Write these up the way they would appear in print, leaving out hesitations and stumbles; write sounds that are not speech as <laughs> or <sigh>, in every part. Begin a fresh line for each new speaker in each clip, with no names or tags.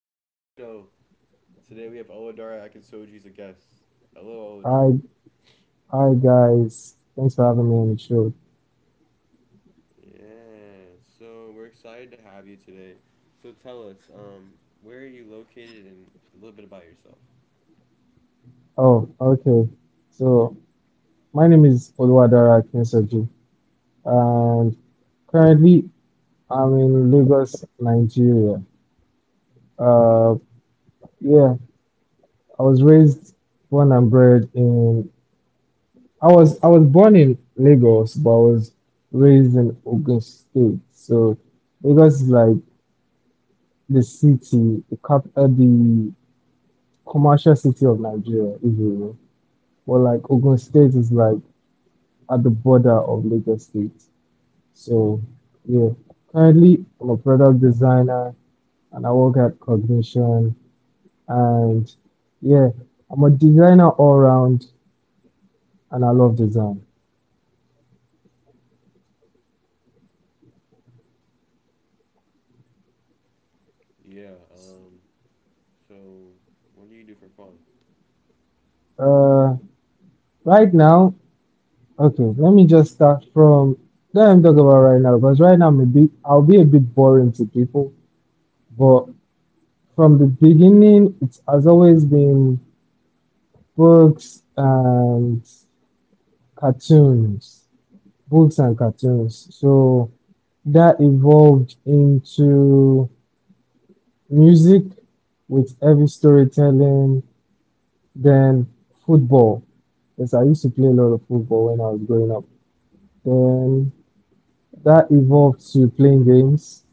Welcome to the show. Today we have Olodara Akinsoji as a guest. Hello,
Hi,
Olodara.
hi guys. Thanks for having me on the show.
Yeah, so we're excited to have you today. So tell us, where are you located and a little bit about yourself.
Oh, okay. So my name is Oluwadara Akinsoju, and currently I'm in Lagos, Nigeria. Uh, yeah, I was raised, born and bred in. I was born in Lagos, but I was raised in Ogun State. So Lagos is like the commercial city of Nigeria, if you will. But like Ogun State is like at the border of Lagos State. So, yeah, currently I'm a product designer and I work at Cognition. And yeah, I'm a designer all round and I love design.
Yeah, so what do you do for fun?
Uh, right now, okay, let me just start from let me talk about right now because right now I'm a bit, I'll be a bit boring to people, but from the beginning, it has always been books and cartoons. Books and cartoons. So that evolved into music with heavy storytelling, then football. Yes, I used to play a lot of football when I was growing up. Then that evolved to playing games.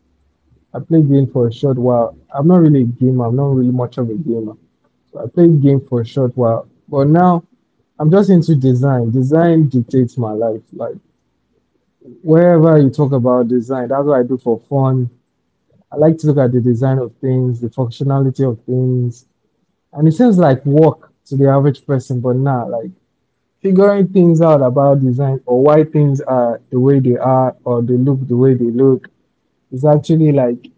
I played game for a short while. I'm not really a gamer. I'm not really much of a gamer. So I played game for a short while. But now I'm just into design. Design dictates my life. Like wherever you talk about design, that's what I do for fun. I like to look at the design of things, the functionality of things, and it seems like work to the average person, but nah, like figuring things out about design or why things are the way they are or they look the way they look is actually like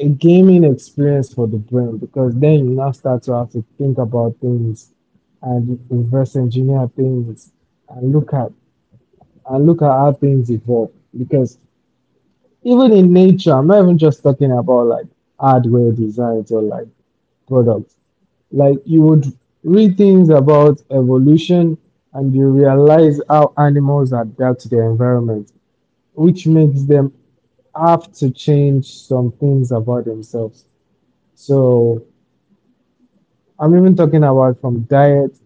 a gaming experience for the brain because then you now start to have to think about things and reverse engineer things and look at how things evolve because even in nature, I'm not even just talking about like hardware designs or like products. Like you would read things about evolution and you realize how animals adapt to their environment, which makes them have to change some things about themselves. So I'm even talking about from diet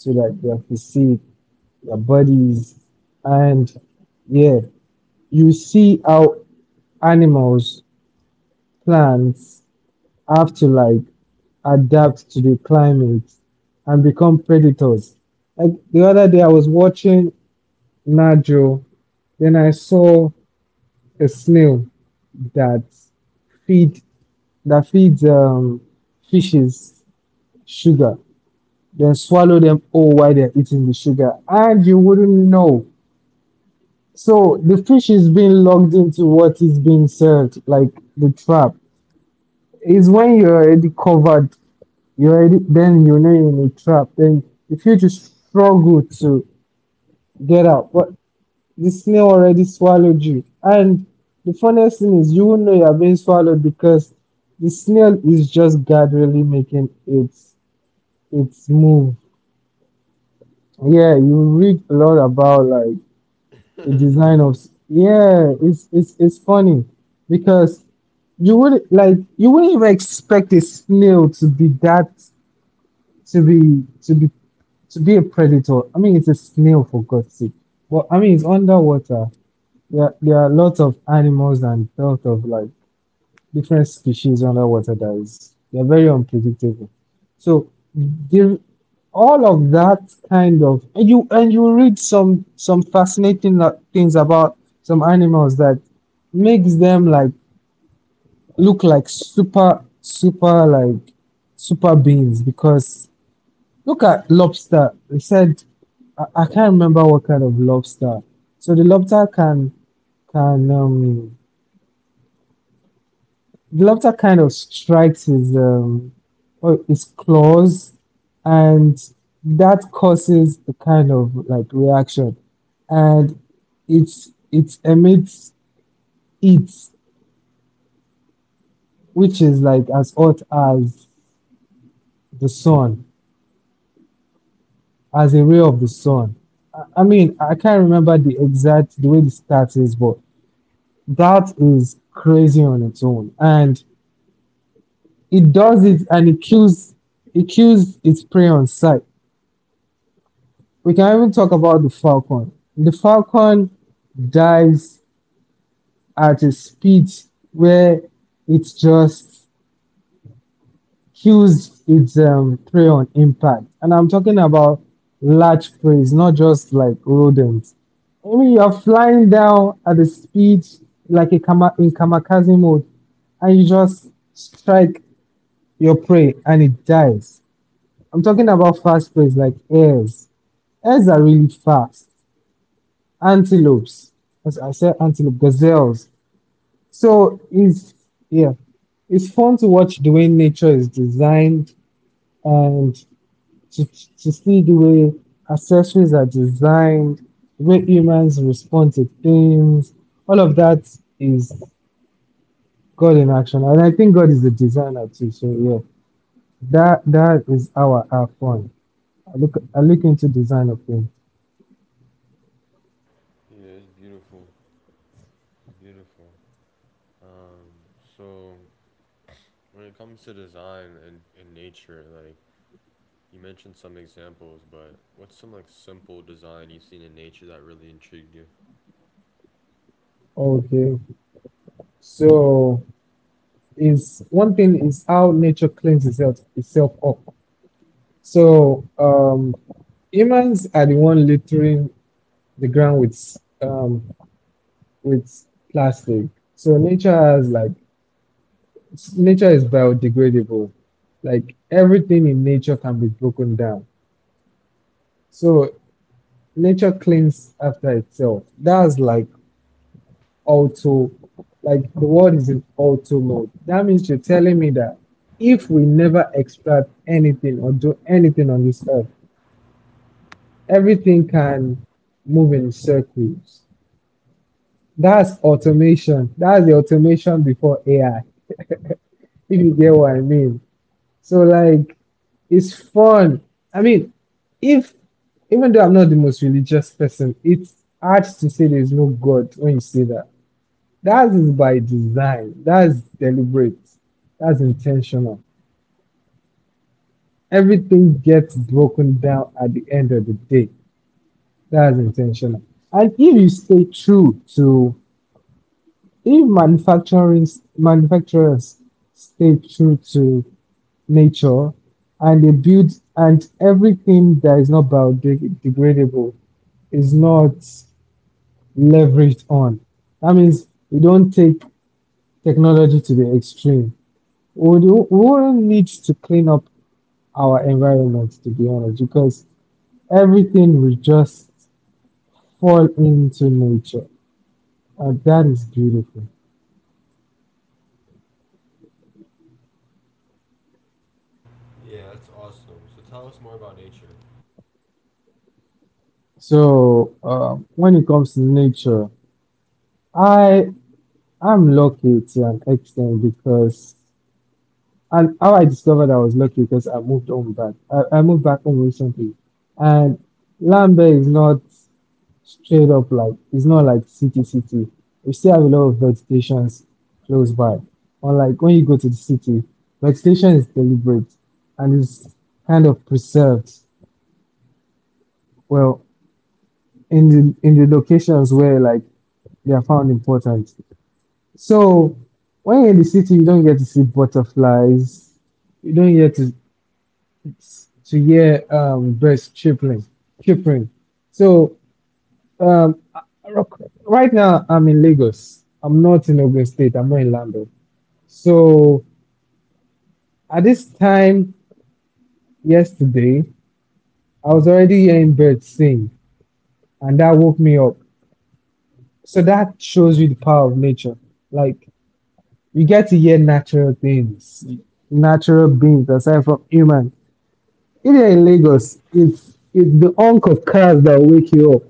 to like their physique, their bodies, and yeah, you see how animals, plants have to like adapt to the climate and become predators. Like the other day, I was watching Najo, then I saw a snail that feed that feeds fishes sugar, then swallow them all while they're eating the sugar, and you wouldn't know. So the fish is being locked into what is being served, like the trap. Is when you're already covered you already then you know you're in a trap. Then if you just struggle to get out, but the snail already swallowed you. And the funniest thing is you won't know you're being swallowed because the snail is just gradually making its move. Yeah, you read a lot about like the
<laughs>
design of s- yeah, it's funny because you would like you wouldn't even expect a snail to be that to be to be to be a predator. I mean, it's a snail for God's sake. But I mean, it's underwater. There are lots of animals and lots of like different species underwater that is they're very unpredictable. So the, all of that kind of and you read some fascinating things about some animals that makes them like look like super super like super beings because look at lobster. They said I can't remember what kind of lobster. So the lobster can can um the lobster kind of strikes his or his claws and that causes a kind of like reaction and it emits heat which is like as hot as the sun as a ray of the sun. I mean I can't remember the exact the stats is but that is crazy on its own. And it does it and it kills its prey on sight. We can even talk about the Falcon. The Falcon dives at a speed where it just kills its prey on impact. And I'm talking about large prey, not just like rodents. I mean, you're flying down at a speed like a kama- in kamikaze mode, and you just strike your prey and it dies. I'm talking about fast preys like hares. Hares are really fast. Antelopes. As I said antelope, gazelles. So it's yeah. It's fun to watch the way nature is designed and to see the way accessories are designed, the way humans respond to things. All of that is God in action. And I think God is the designer too. So yeah. That is our fun. I look into design of things.
Yeah, it's beautiful. It's beautiful. Um, so when it comes to design and nature, like you mentioned some examples, but what's some like simple design you've seen in nature that really intrigued you?
Okay. So is one thing is how nature cleans itself up. So humans are the one littering the ground with with plastic. So nature has like nature is biodegradable. Like everything in nature can be broken down. So nature cleans after itself. That's like auto, like the world is in auto mode. That means you're telling me that if we never extract anything or do anything on this earth everything can move in circles. That's automation. That's the automation before AI, if you get what I mean. So like it's fun. I mean, if even though I'm not the most religious person, it's hard to say there's no god when you say that that is by design. That's deliberate. That's intentional. Everything gets broken down at the end of the day. That's intentional. And if you stay true to, if manufacturing manufacturers stay true to nature and they build and everything that is not biodegradable is not leveraged on. That means you don't take technology to the extreme. We really need to clean up our environment, to be honest, because everything will just fall into nature, and that is beautiful.
Yeah, that's awesome. So tell us more about nature.
So, when it comes to nature, I am lucky to an extent because, and how I discovered I was lucky because I moved home back. I moved back home recently, and Lambert is not straight up, like it's not like city city. We still have a lot of vegetations close by. Unlike when you go to the city, vegetation is deliberate and is kind of preserved. Well, in the locations where like they are found important. So when you're in the city, you don't get to see butterflies. You don't get to hear birds chirping, chirping. So Um, right now I'm in Lagos. I'm not in Ogun State. I'm not in Lando. So at this time yesterday, I was already hearing birds sing, and that woke me up. So that shows you the power of nature. Like you get to hear natural things, natural beings aside from human. You're in Lagos, it's the honk of cars that wake you up,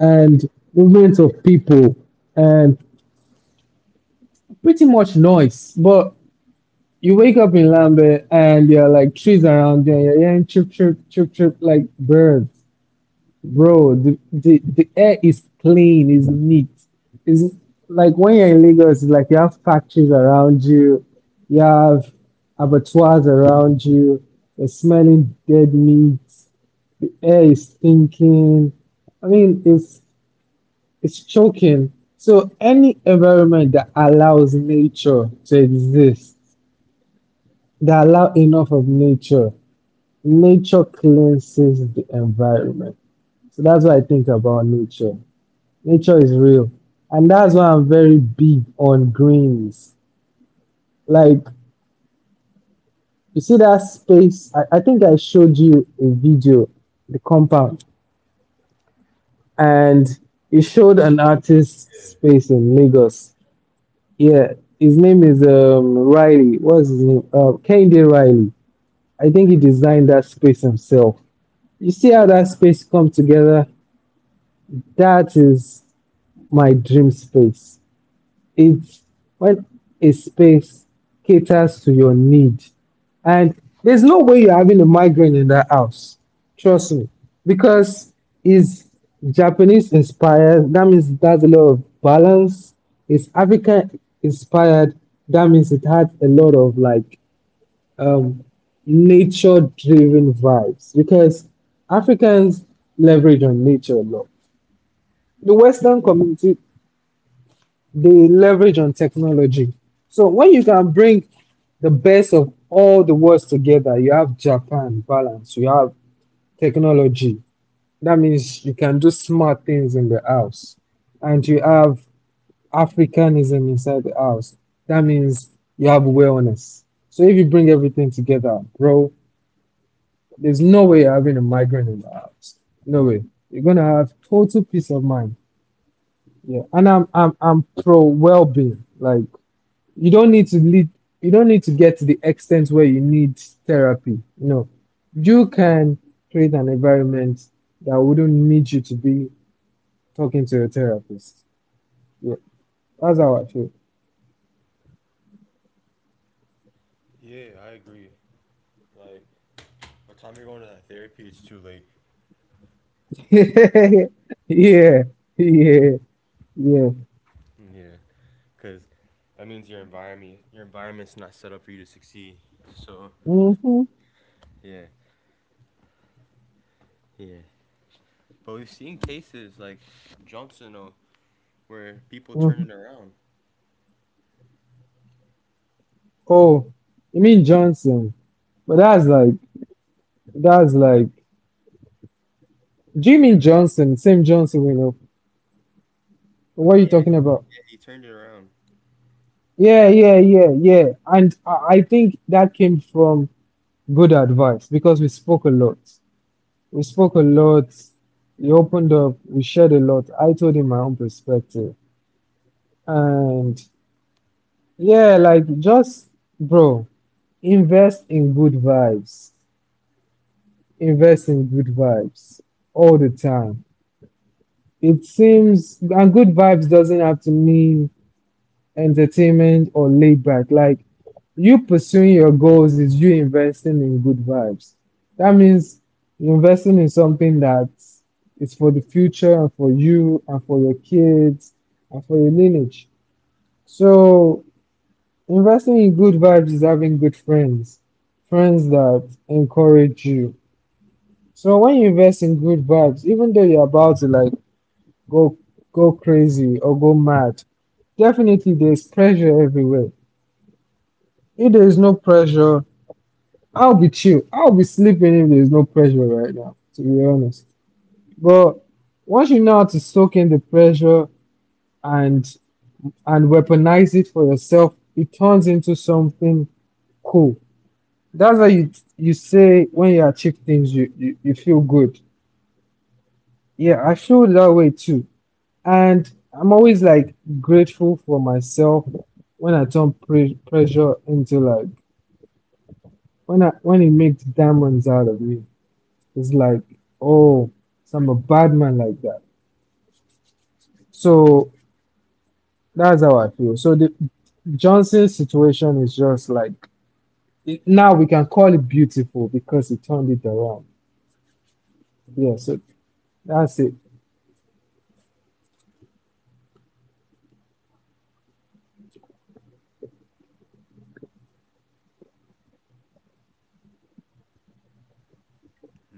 and movement of people, and pretty much noise. But you wake up in Lambe, and there are like trees around you and you're hearing chirp, chirp, chirp, chirp like birds. Bro, the air is clean, is neat. It's like when you're in Lagos, it's like you have factories around you, you have abattoirs around you, you're smelling dead meat, the air is stinking. I mean, it's choking. So any environment that allows nature to exist they allow enough of nature. Nature cleanses the environment. So that's what I think about nature. Nature is real. And that's why I'm very big on greens. Like, you see that space? I think I showed you a video, the compound, and it showed an artist
Yeah.
space in Lagos. Yeah, his name is Riley. What's his name? Kende Riley. I think he designed that space himself. You see how that space come together? That is my dream space. It's when a space caters to your need. And there's no way you're having a migraine in that house. Trust me. Because it's Japanese inspired. That means it has a lot of balance. It's African inspired. That means it has a lot of like um, nature driven vibes. Because Africans leverage on nature a lot. The Western community they leverage on technology. So when you can bring the best of all the worlds together, you have Japan balance, you have technology. That means you can do smart things in the house, and you have Africanism inside the house. That means you have wellness. So if you bring everything together, bro, there's no way you're having a migraine in the house. No way. You're gonna have total peace of mind. Yeah, and I'm pro well-being. Like you don't need to lead you don't need to get to the extent where you need therapy. No, you can create an environment that wouldn't need you to be talking to a therapist. Yeah, that's how I feel.
Yeah, I agree. Like, by the time you're going to that therapy, it's too late. <laughs>
<laughs> Yeah, yeah, yeah,
Yeah, because that means your environment's not set up for you to succeed. So
mm-hmm, hmm,
yeah, yeah. But we've seen cases like Johnson, where people turn
hmm.
it around.
Oh, you mean Johnson? But that's like, do you mean Johnson, same Johnson we know? What are you
Yeah,
talking about?
yeah, he turned it around.
Yeah, yeah, yeah, yeah, and I think that came from good advice, because we spoke a lot. We spoke a lot. He opened up. We shared a lot. I told him my own perspective. And yeah, like just, bro, invest in good vibes. Invest in good vibes all the time. It seems, and good vibes doesn't have to mean entertainment or laid back. Like you pursuing your goals is you investing in good vibes. That means you're investing in something that is for the future and for you and for your kids and for your lineage. So investing in good vibes is having good friends, friends that encourage you. So when you invest in good vibes, even though you're about to like go go crazy or go mad, definitely there's pressure everywhere. If there is no pressure, I'll be chill. I'll be sleeping if there's no pressure right now, to be honest. But once you know how to soak in the pressure and weaponize it for yourself, it turns into something cool. That's why you say when you achieve things, you feel good. Yeah, I feel that way too. And I'm always like grateful for myself when I turn pressure into like when I when it makes diamonds out of me. It's like, oh, so I'm a bad man like that. So that's how I feel. So the Johnson's situation is just like it, now we can call it beautiful because he turned it around. Yeah, so that's it.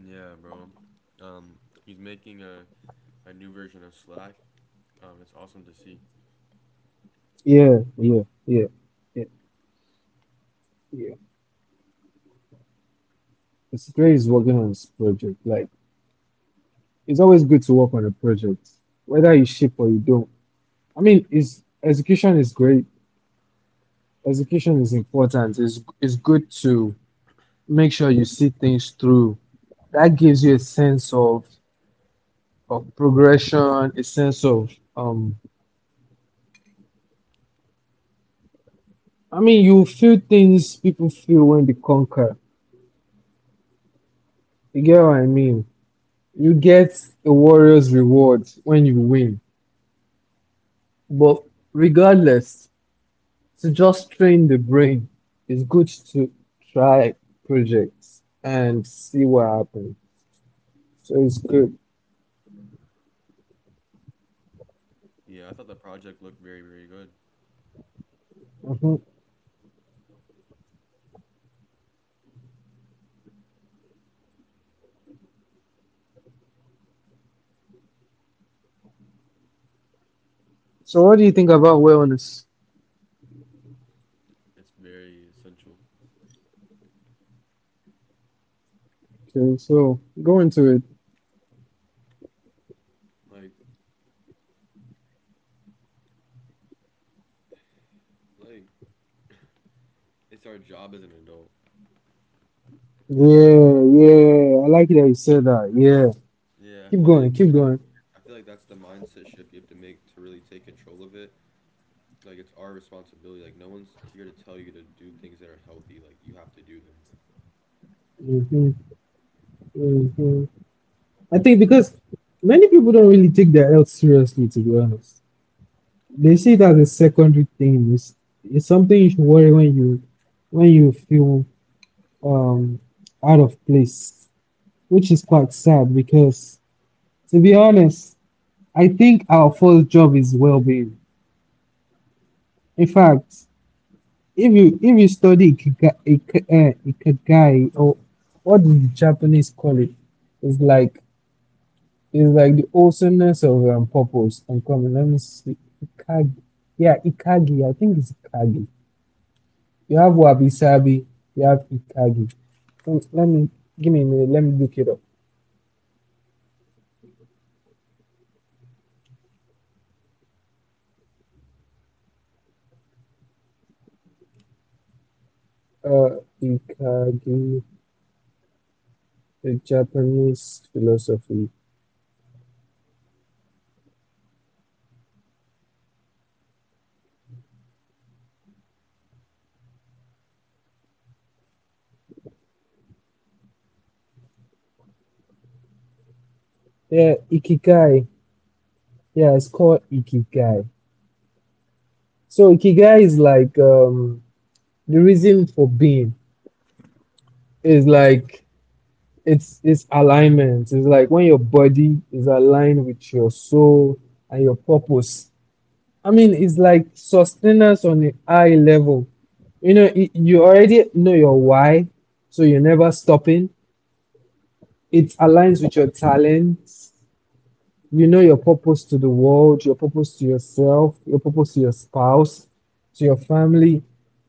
Yeah, bro. Um, he's making a new version of Slack. It's awesome to see.
Yeah, yeah, yeah, yeah, yeah. Considering is working on this project, like it's always good to work on a project, whether you ship or you don't. I mean, it's execution is great. Execution is important. It's good to make sure you see things through. That gives you a sense of progression, a sense of I mean you feel things people feel when they conquer. You get what I mean? You get a warrior's reward when you win. But regardless, to just train the brain, it's good to try projects and see what happens. So it's good.
Yeah, I thought the project looked very, very good.
Hmm. So what do you think about wellness?
It's very essential.
Okay, so go into it.
Like, like, it's our job as an adult. Right.
Yeah, yeah. I like that you said that. Yeah.
Yeah,
Keep going. Keep going.
I feel like that's the mindset shift you have to make to really take control of it. Like, it's our responsibility. Like, no one's here to tell you to do things that are healthy. Like, you have to do them.
Mhm, mhm. I think because many people don't really take their health seriously, to be honest. They see it as a secondary thing. It's something you should worry when you feel um out of place, which is quite sad because, to be honest, I think our first job is well-being. In fact, if you study ikigai, ikigai, or what do the Japanese call it, it's like it's like the awesomeness of purpose. I'm coming. Let me see. Ikagi. Yeah, Ikagi. I think it's Ikagi. You have Wabi Sabi. You have Ikagi. Let me give me a minute. Let me look it up. Ikagi, the Japanese philosophy. Yeah, Ikigai. Yeah, it's called Ikigai. So Ikigai is like the reason for being. Is like it's alignment. It's like when your body is aligned with your soul and your purpose. I mean, it's like sustenance on a high level. You know, you already know your why, so you're never stopping. It aligns with your talents. You know your purpose to the world, your purpose to yourself, your purpose to your spouse, to your family.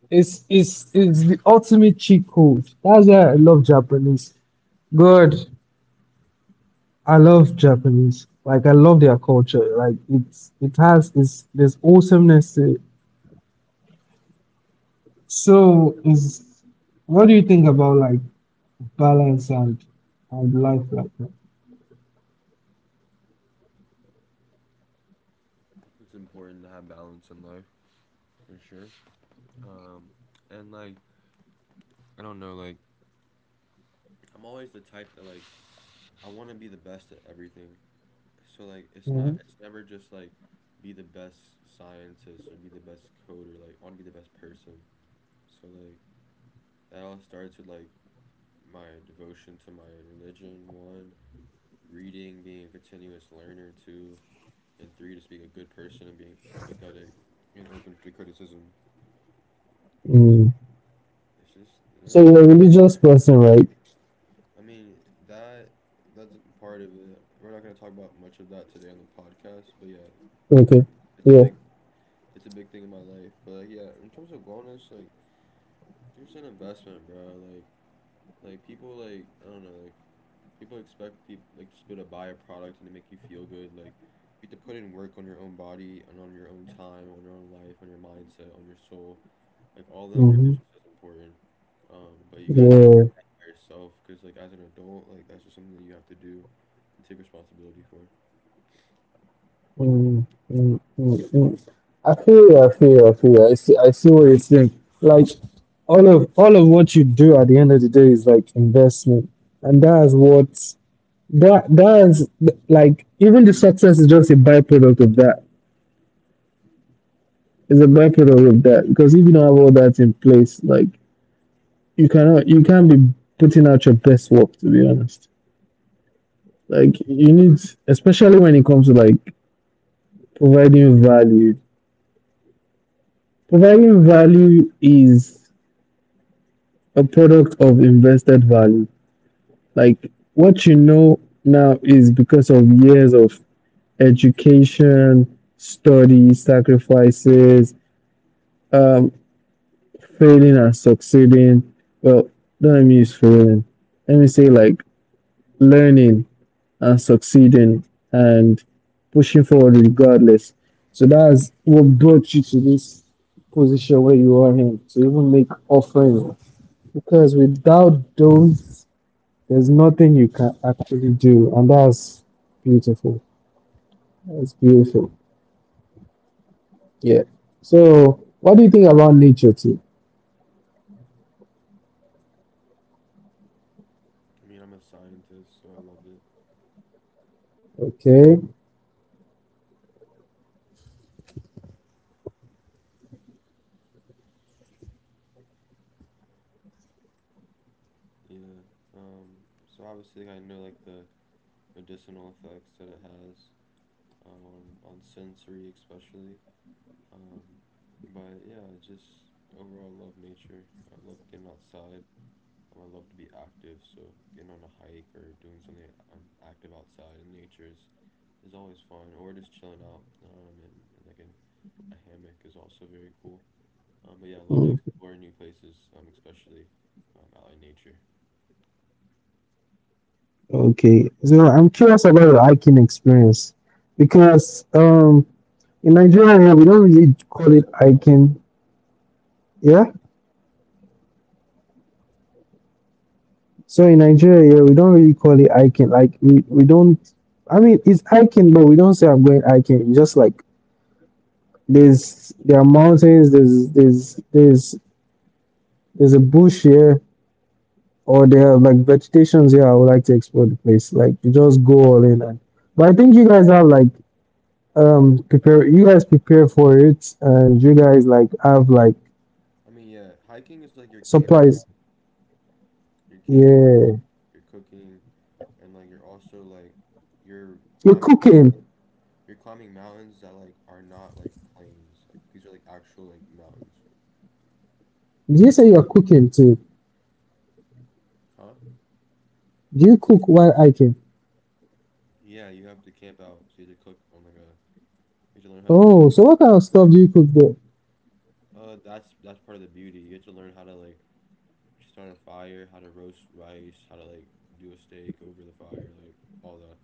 It's the ultimate cheat code. That's why I love Japanese. God, I love Japanese. Like I love their culture. Like it's it has it's there's awesomeness to it. So is what do you think about like balance and life like that?
It's important to have balance in life for sure. Um, and like, I don't know, like, I'm always the type that like I want to be the best at everything. So like it's
Mhm.
not it's never just like be the best scientist or be the best coder, like I want to be the best person. So like that all starts with like my devotion to my religion, one, reading, being a continuous learner, two, and three, just being a good person and being empathetic and open to criticism. It's,
Mm.
it's just
So you're
yeah.
a religious person, right?
I mean that that's part of it. We're not gonna talk about much of that today on the podcast, but yeah,
Okay.
it's a
Yeah.
big it's a big thing in my life. But like, yeah, in terms of wellness, like it's an investment, bro. Like, people like I don't know, like people expect people like just be able to buy a product and to make you feel good. Like, you have to put in work on your own body and on your own time, on your own life, on your mindset, on your soul. Like all that work
Mhm.
is just as important. But you gotta take
Yeah.
care of that by yourself because like as an adult, like that's just something that you have to do and take responsibility for.
Mm, mm, mm, mm. I feel you, I feel you, I feel you. I see what you're saying. Like all of what you do at the end of the day is like investment, and that's what that's like even the success is just a byproduct of that. It's a byproduct of that because if you don't have all that in place, like you cannot you can't be putting out your best work, to be honest. Like you need, especially when it comes to like providing value. Providing value is a product of invested value. Like what you know now is because of years of education, study, sacrifices, um, failing and succeeding. Well, don't let me use failing. Let me say like learning and succeeding and pushing forward regardless. So that's what brought you to this position where you are in to even make offering. Because without those, there's nothing you can actually do, and that's beautiful. That's beautiful. Yeah. So, what do you think about nature too?
I mean, I'm a scientist, so I love it.
Okay.
Yeah. So obviously, like, I know like the medicinal effects that it has on sensory especially. Um, but yeah, I just overall love nature. I love getting outside. I love to be active, so getting on a hike or doing something I'm active outside in nature is always fun. Or just chilling out, and like in a hammock is also very cool. But yeah, I love
Mm.
to explore new places, especially out in nature.
Okay, so I'm curious about your hiking experience because in Nigeria here, we don't really call it
Hikes, so,
hiking. Yeah, so in Nigeria here, we don't really call it hiking. Like we don't. I mean, it's hiking, but we don't say I'm going hiking. It's just like there are mountains, there's a bush here, or there are like vegetations here. I would like to explore the place. Like you just go all in and. But I think you guys have like prepare you guys prepare for it and you guys like have like
I mean, yeah, hiking is like you're camping.
supplies.
You're camping
Yeah,
you're cooking, and like you're also like you're
you're
climbing
cooking.
mountains, you're climbing mountains that like are not like plains. Like these are like actual like mountains.
Did you say you're cooking too?
Huh?
Do you cook while hiking?
Yeah, you have to camp out, so you have to cook on like a you have to learn how to
Oh,
cook.
so what kind of stuff do you cook there?
That's part of the beauty. You have to learn how to like start a fire, how to roast rice, how to like do a steak over the fire, like all that.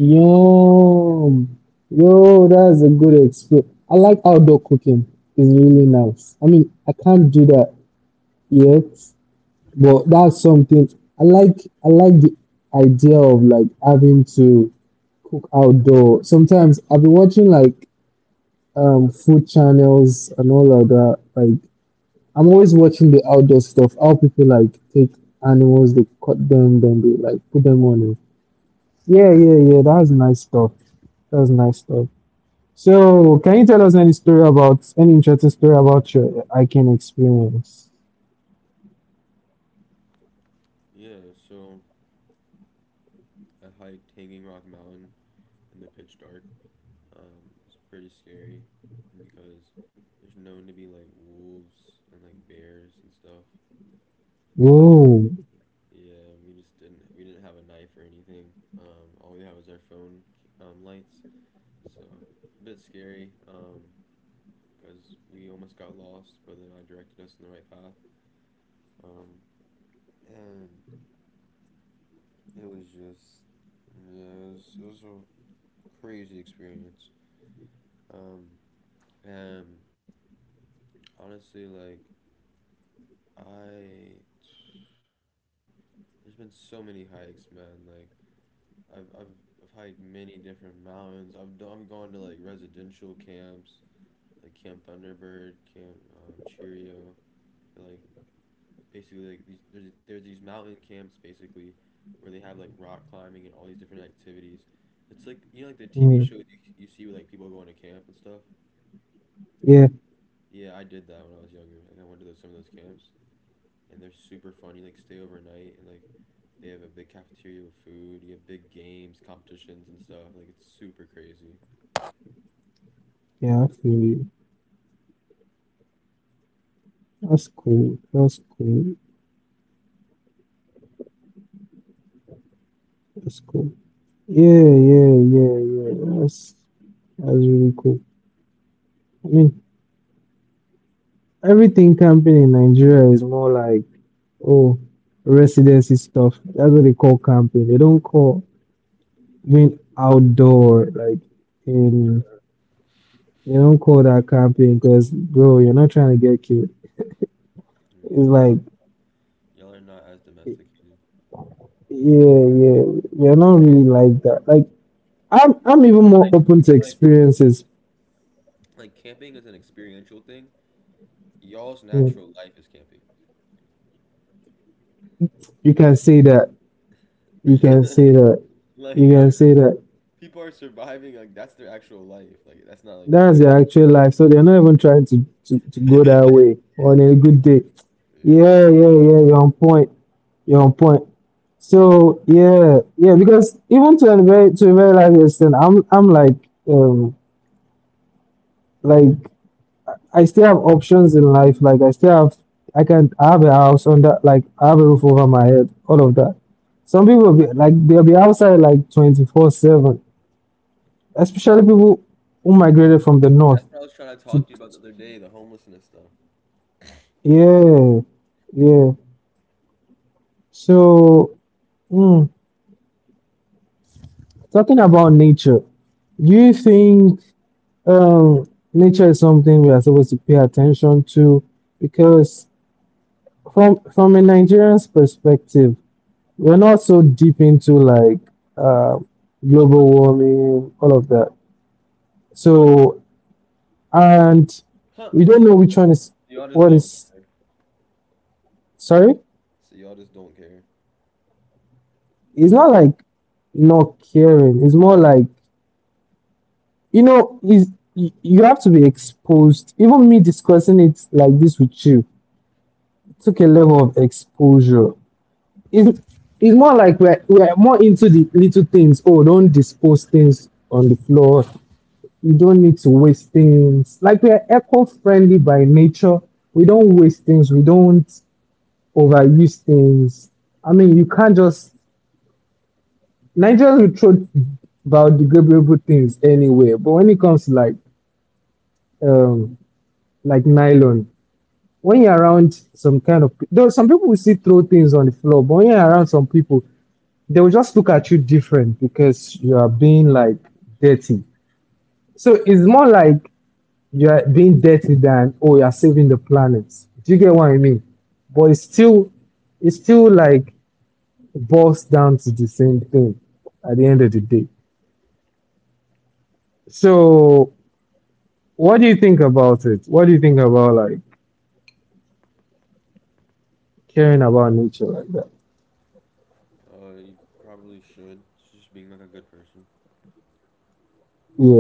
Yum. Yo, that's a good experience. I like outdoor cooking. It's really nice. I mean, I can't do that yet, but that's something I like. I like the idea of like having to cook outdoor. Sometimes I've been watching like food channels and all of that. Like I'm always watching the outdoor stuff, how people like take animals, they cut them, then they like put them on it. Yeah, yeah, yeah. That's nice stuff. That's nice stuff. So can you tell us any story about any interesting story about your hiking experience?
Yeah, so I hiked Hanging Rock Mountain in the pitch dark. Is pretty scary because there's known to be like wolves and like bears and stuff. Uh,
Whoa.
yeah, we just didn't we didn't have a knife or anything. All we had was our phone lights, so it's a bit scary because we almost got lost, but then I directed us in the right path. Um, and it was just yeah, it was a crazy experience. Um, and honestly, like I. there's been so many hikes, man. Like I've I've I've hiked many different mountains. I've gone to like residential camps, like Camp Thunderbird, Camp Cheerio. But, like basically like these there's these mountain camps basically where they have like rock climbing and all these different activities. It's like like the
Mm,
TV shows you see where like people going to camp and stuff.
yeah,
Yeah, I did that when I was younger. Like I went to some of those camps and they're super fun. You like stay overnight and like they have a big cafeteria with food. You have big games, competitions, and stuff. Like it's super crazy.
yeah, I feel you. That's cool. That's cool. That's cool. Yeah, yeah, yeah, yeah. That's really cool. I mean, everything camping in Nigeria is more like, oh, residency stuff. That's what they call camping. They don't call being outdoor, like in, they don't
Yeah,
call that camping because, bro, you're not trying to get killed. It's
yeah,
like,
y'all are not as domesticated.
yeah, yeah, we're not really like that. Like, I'm even more
Like,
open to
like,
experiences.
like, camping is an experiential thing.
You
Y'all's
know,
natural life is
you can say that. You can say
camping. <laughs>
that. You
Like, you
can
know what I mean?
say
Like,
that.
people are surviving. Like that's their actual life. Like that's not like
That's
just
their
camping.
actual life. So they're not even trying to, go that way
<laughs>
on a good day.
Yeah,
Yeah,
yeah.
yeah, yeah, you're on point. You're on point. So yeah, yeah, because even to a very large extent, I'm um like I still have options in life. Like I still have I can I have a house on that. Like I have a roof over my head, all of that. Some people be like they'll be outside like 24/7, especially people who migrated from the north
That's what I was trying to
to.
talk to you about the other day, the homelessness stuff.
Yeah, yeah. So, mm, talking about nature, do you think um, nature is something we are supposed to pay attention to? Because from a Nigerian's perspective, we're not so deep into like uh, global warming, all of that. So, and we
Huh?
don't know which one is
So y'all
what
just don't.
is. Sorry,
So y'all just don't care.
it's not like not caring. It's more like you know, is you have to be exposed. Even me discussing it like this with you took a level of exposure. It's, it's more like we're more into the little things. Oh, don't dispose things on the floor. You don't need to waste things. Like we're eco friendly by nature. We don't waste things. We don't overuse things. I mean, you can't just Nigerians will throw biodegradable things anywhere, but when it comes to um like nylon, when you're around some kind of though some people will still throw things on the floor, but when you're around some people, they will just look at you different because you are being like dirty. So it's more like you are being dirty than oh you are saving the planet. Do you get what I mean? But it's still like boils down to the same thing at the end of the day. So what do you think about it? What do you think about like caring about nature like that?
You probably should. It's just being like a good person.
Yeah.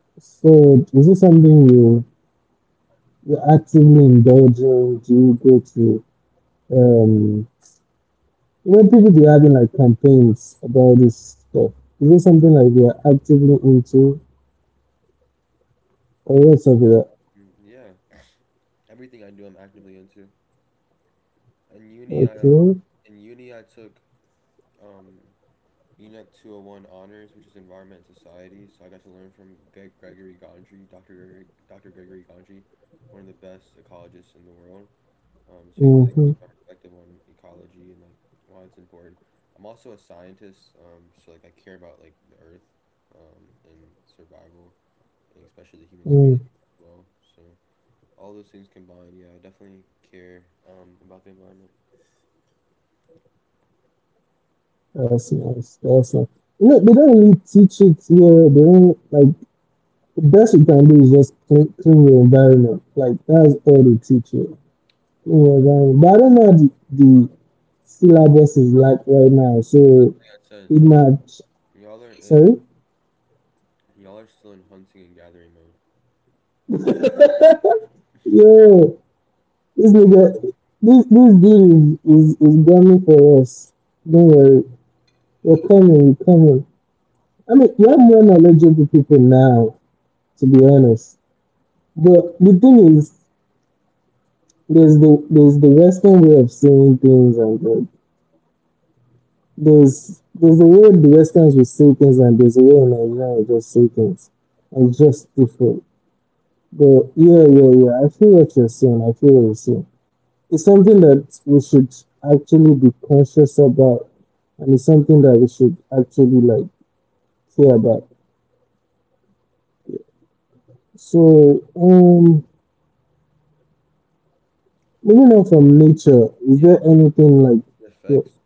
So is it something you actively indulging? Do you go to, um, you know, people be having like campaigns about this stuff. Is it something like you're actively into, or what's of it?
Mm, yeah, everything I do, I'm actively into. In uni, I um,
Okay,
in uni I took um, ENEC 201 honors, which is Environment and Society. So I got to learn from Gregory Gondry, Dr. Gregory Gondry, one of the best ecologists in the world. So he
mm-hmm,
really changed my perspective on ecology and like why it's important. I'm also a scientist, so like I care about like the earth and survival, and especially the human
mm,
species as well. So. All those things combined, yeah, I definitely care about the environment.
that's nice, that's nice. You know, they don't really teach it here. They don't like the best you can do is just clean, clean your environment. Like that's all they teach you. Clean your environment. But I don't know how the syllabus is like right now, so
Because, like
it
I said,
might.
y'all are
Sorry.
in y'all are still in hunting and gathering mode.
Yeah, this nigga, this deal is gunning for us. Don't worry, we're coming, we're coming. I mean, we have more knowledgeable people now, to be honest. But the thing is, there's the Western way of saying things, and there's the way the Westerns will say things, and there's a way in Nigeria will just say things, and it's just different. But yeah, yeah, yeah. I feel what you're saying. I feel what you're saying. It's something that we should actually be conscious about, and it's something that we should actually like care about. So, moving on from nature, is there
Yeah, because
anything like,
it
yeah,
affects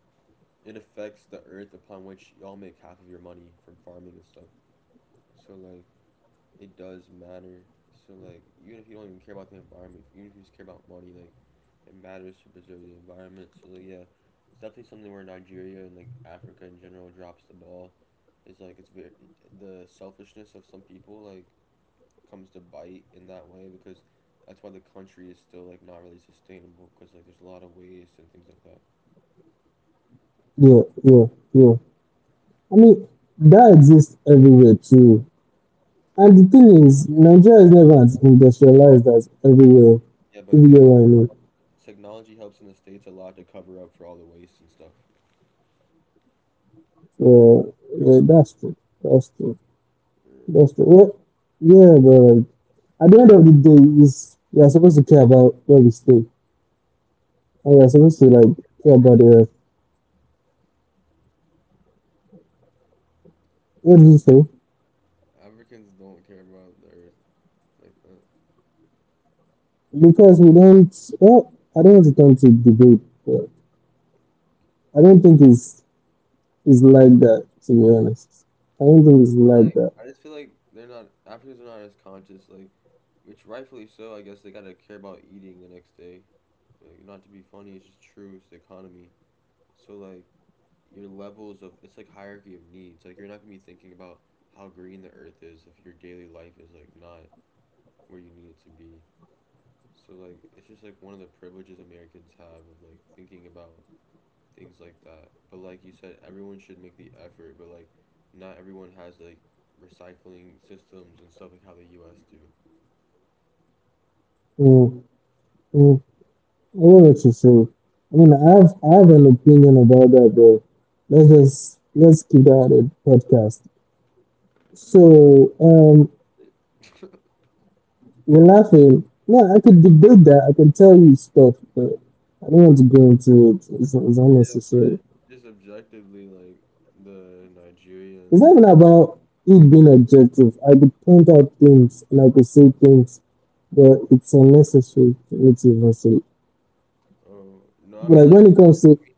it affects the earth upon which y'all make half of your money from farming and stuff. So like it does matter. So like even if you don't even care about the environment, even if you just care about money, like it matters to preserve the environment. So like, yeah, it's definitely something where Nigeria and like Africa in general drops the ball. It's like it's very the selfishness of some people like comes to bite in that way because that's why the country is still like not really sustainable because like there's a lot of waste and things like that.
yeah, yeah, yeah. I mean, that exists everywhere too. And the thing is, Nigeria is never as industrialized as everywhere. If
Yeah,
you get
but
what I mean.
technology helps in the States. Yeah, but technology helps in the States a lot to cover up for all the waste and stuff.
So, yeah, that's true. That's true. That's
Yeah.
the, yeah, yeah, but like, at the end of the day, is we are supposed to care about where we stay, and we are supposed to like care about the
African
earth. What do you think?
Africans don't care about the earth like that.
Because we don't. Well, I don't want to turn to debate, but I don't think
Ne-
it's like that. To be honest, I don't think it's like
Well,
that.
like I just feel like they're not Africans are not as conscious like which rightfully so I guess they gotta care about eating the next day like not to be funny it's just true it's the economy. So like your levels of it's like hierarchy of needs. Like you're not gonna be thinking about how green the earth is if your daily life is like not where you need it to be. So like it's just like one of the privileges Americans have of like thinking about things like that. But like you said, everyone should make the effort, but like not everyone has like recycling systems and stuff like how the US do.
Mm, mm. I don't know what you say. I mean, I have an opinion about that, but let's just let's keep that on the podcast. So,
<laughs>
you're laughing. No, I could debate that. I can tell you stuff, but I don't want to go into it. It's
Yeah,
unnecessary.
but just objectively like the
It's not even
Nigerian like
about it being objective. I could point out things and I could say things, but it's unnecessary for me to even say.
oh
But
no,
like
I
when
mean
it
like.
comes to,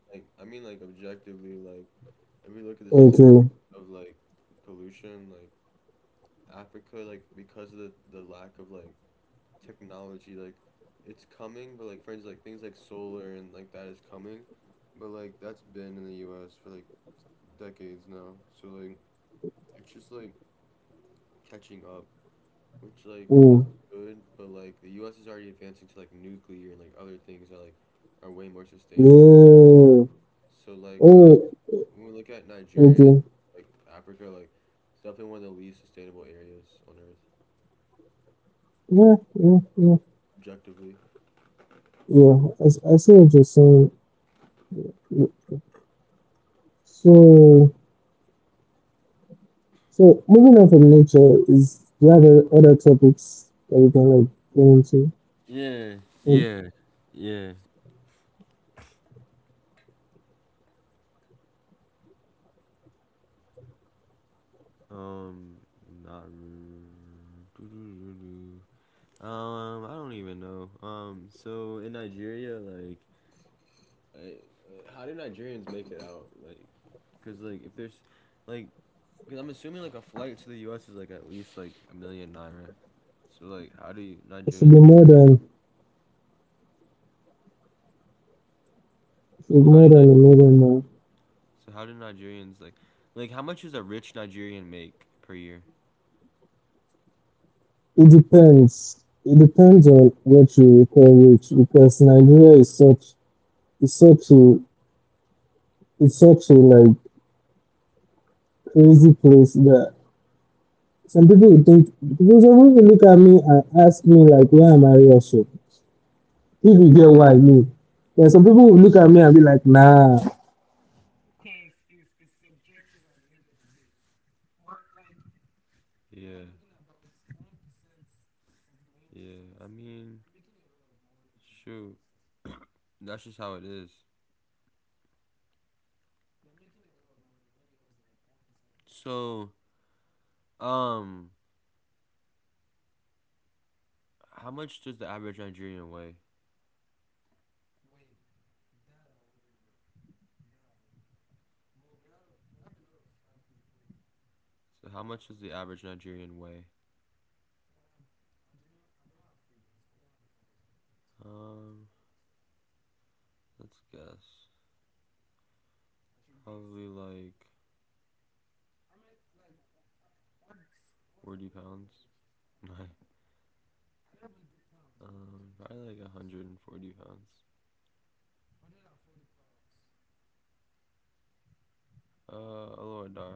Like, I mean, like, objectively, like, if we look at the
okay,
statistics of, like, pollution, like, Africa, like, because of the lack of, like, technology, like, it's coming, but, like, for instance, like, things like solar and, like, that is coming, but, like, that's been in the US for, like, decades now. So, like, it's just, like, catching up, which, like,
mm,
it's good, but, like, the US is already advancing to, like, nuclear and, like, other things that, like, are way more sustainable.
yeah,
So, like,
oh,
when we look at
okay,
Nigeria, like Africa, like it's definitely one of the least sustainable areas on Earth,
yeah, yeah, yeah,
objectively.
yeah. I see what you're saying. So, so moving on from nature, is do you have other topics that we can like go into?
Yeah,
Like,
yeah, yeah. Um, Not. I don't even know. So in Nigeria, like, I, I- how do Nigerians make it out? Like, cause like if there's, like, cause I'm assuming like a flight to the U.S. is like at least like a million naira. So like, how do you
it should be
Nigerians?
more than it should be
So
more
how
than
do
a million now.
So how do Nigerians like how much does a rich Nigerian make per year?
It depends. It depends on what you call rich because Nigeria is such a it's such a like crazy place that some people would think because some people look at me and ask me like why am I Russian? If you get what I mean. Yeah, some people will look at me and be like, nah,
Yeah, yeah. I mean, shoot, that's just how it is. So, um, how much does the average Nigerian weigh? So how much does the average Nigerian weigh? Um, let's guess. Probably like 40 pounds. <laughs> Probably like 140 pounds. Aloha Dara. I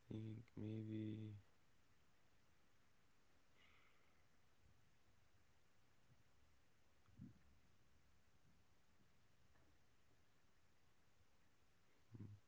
think maybe. Mm,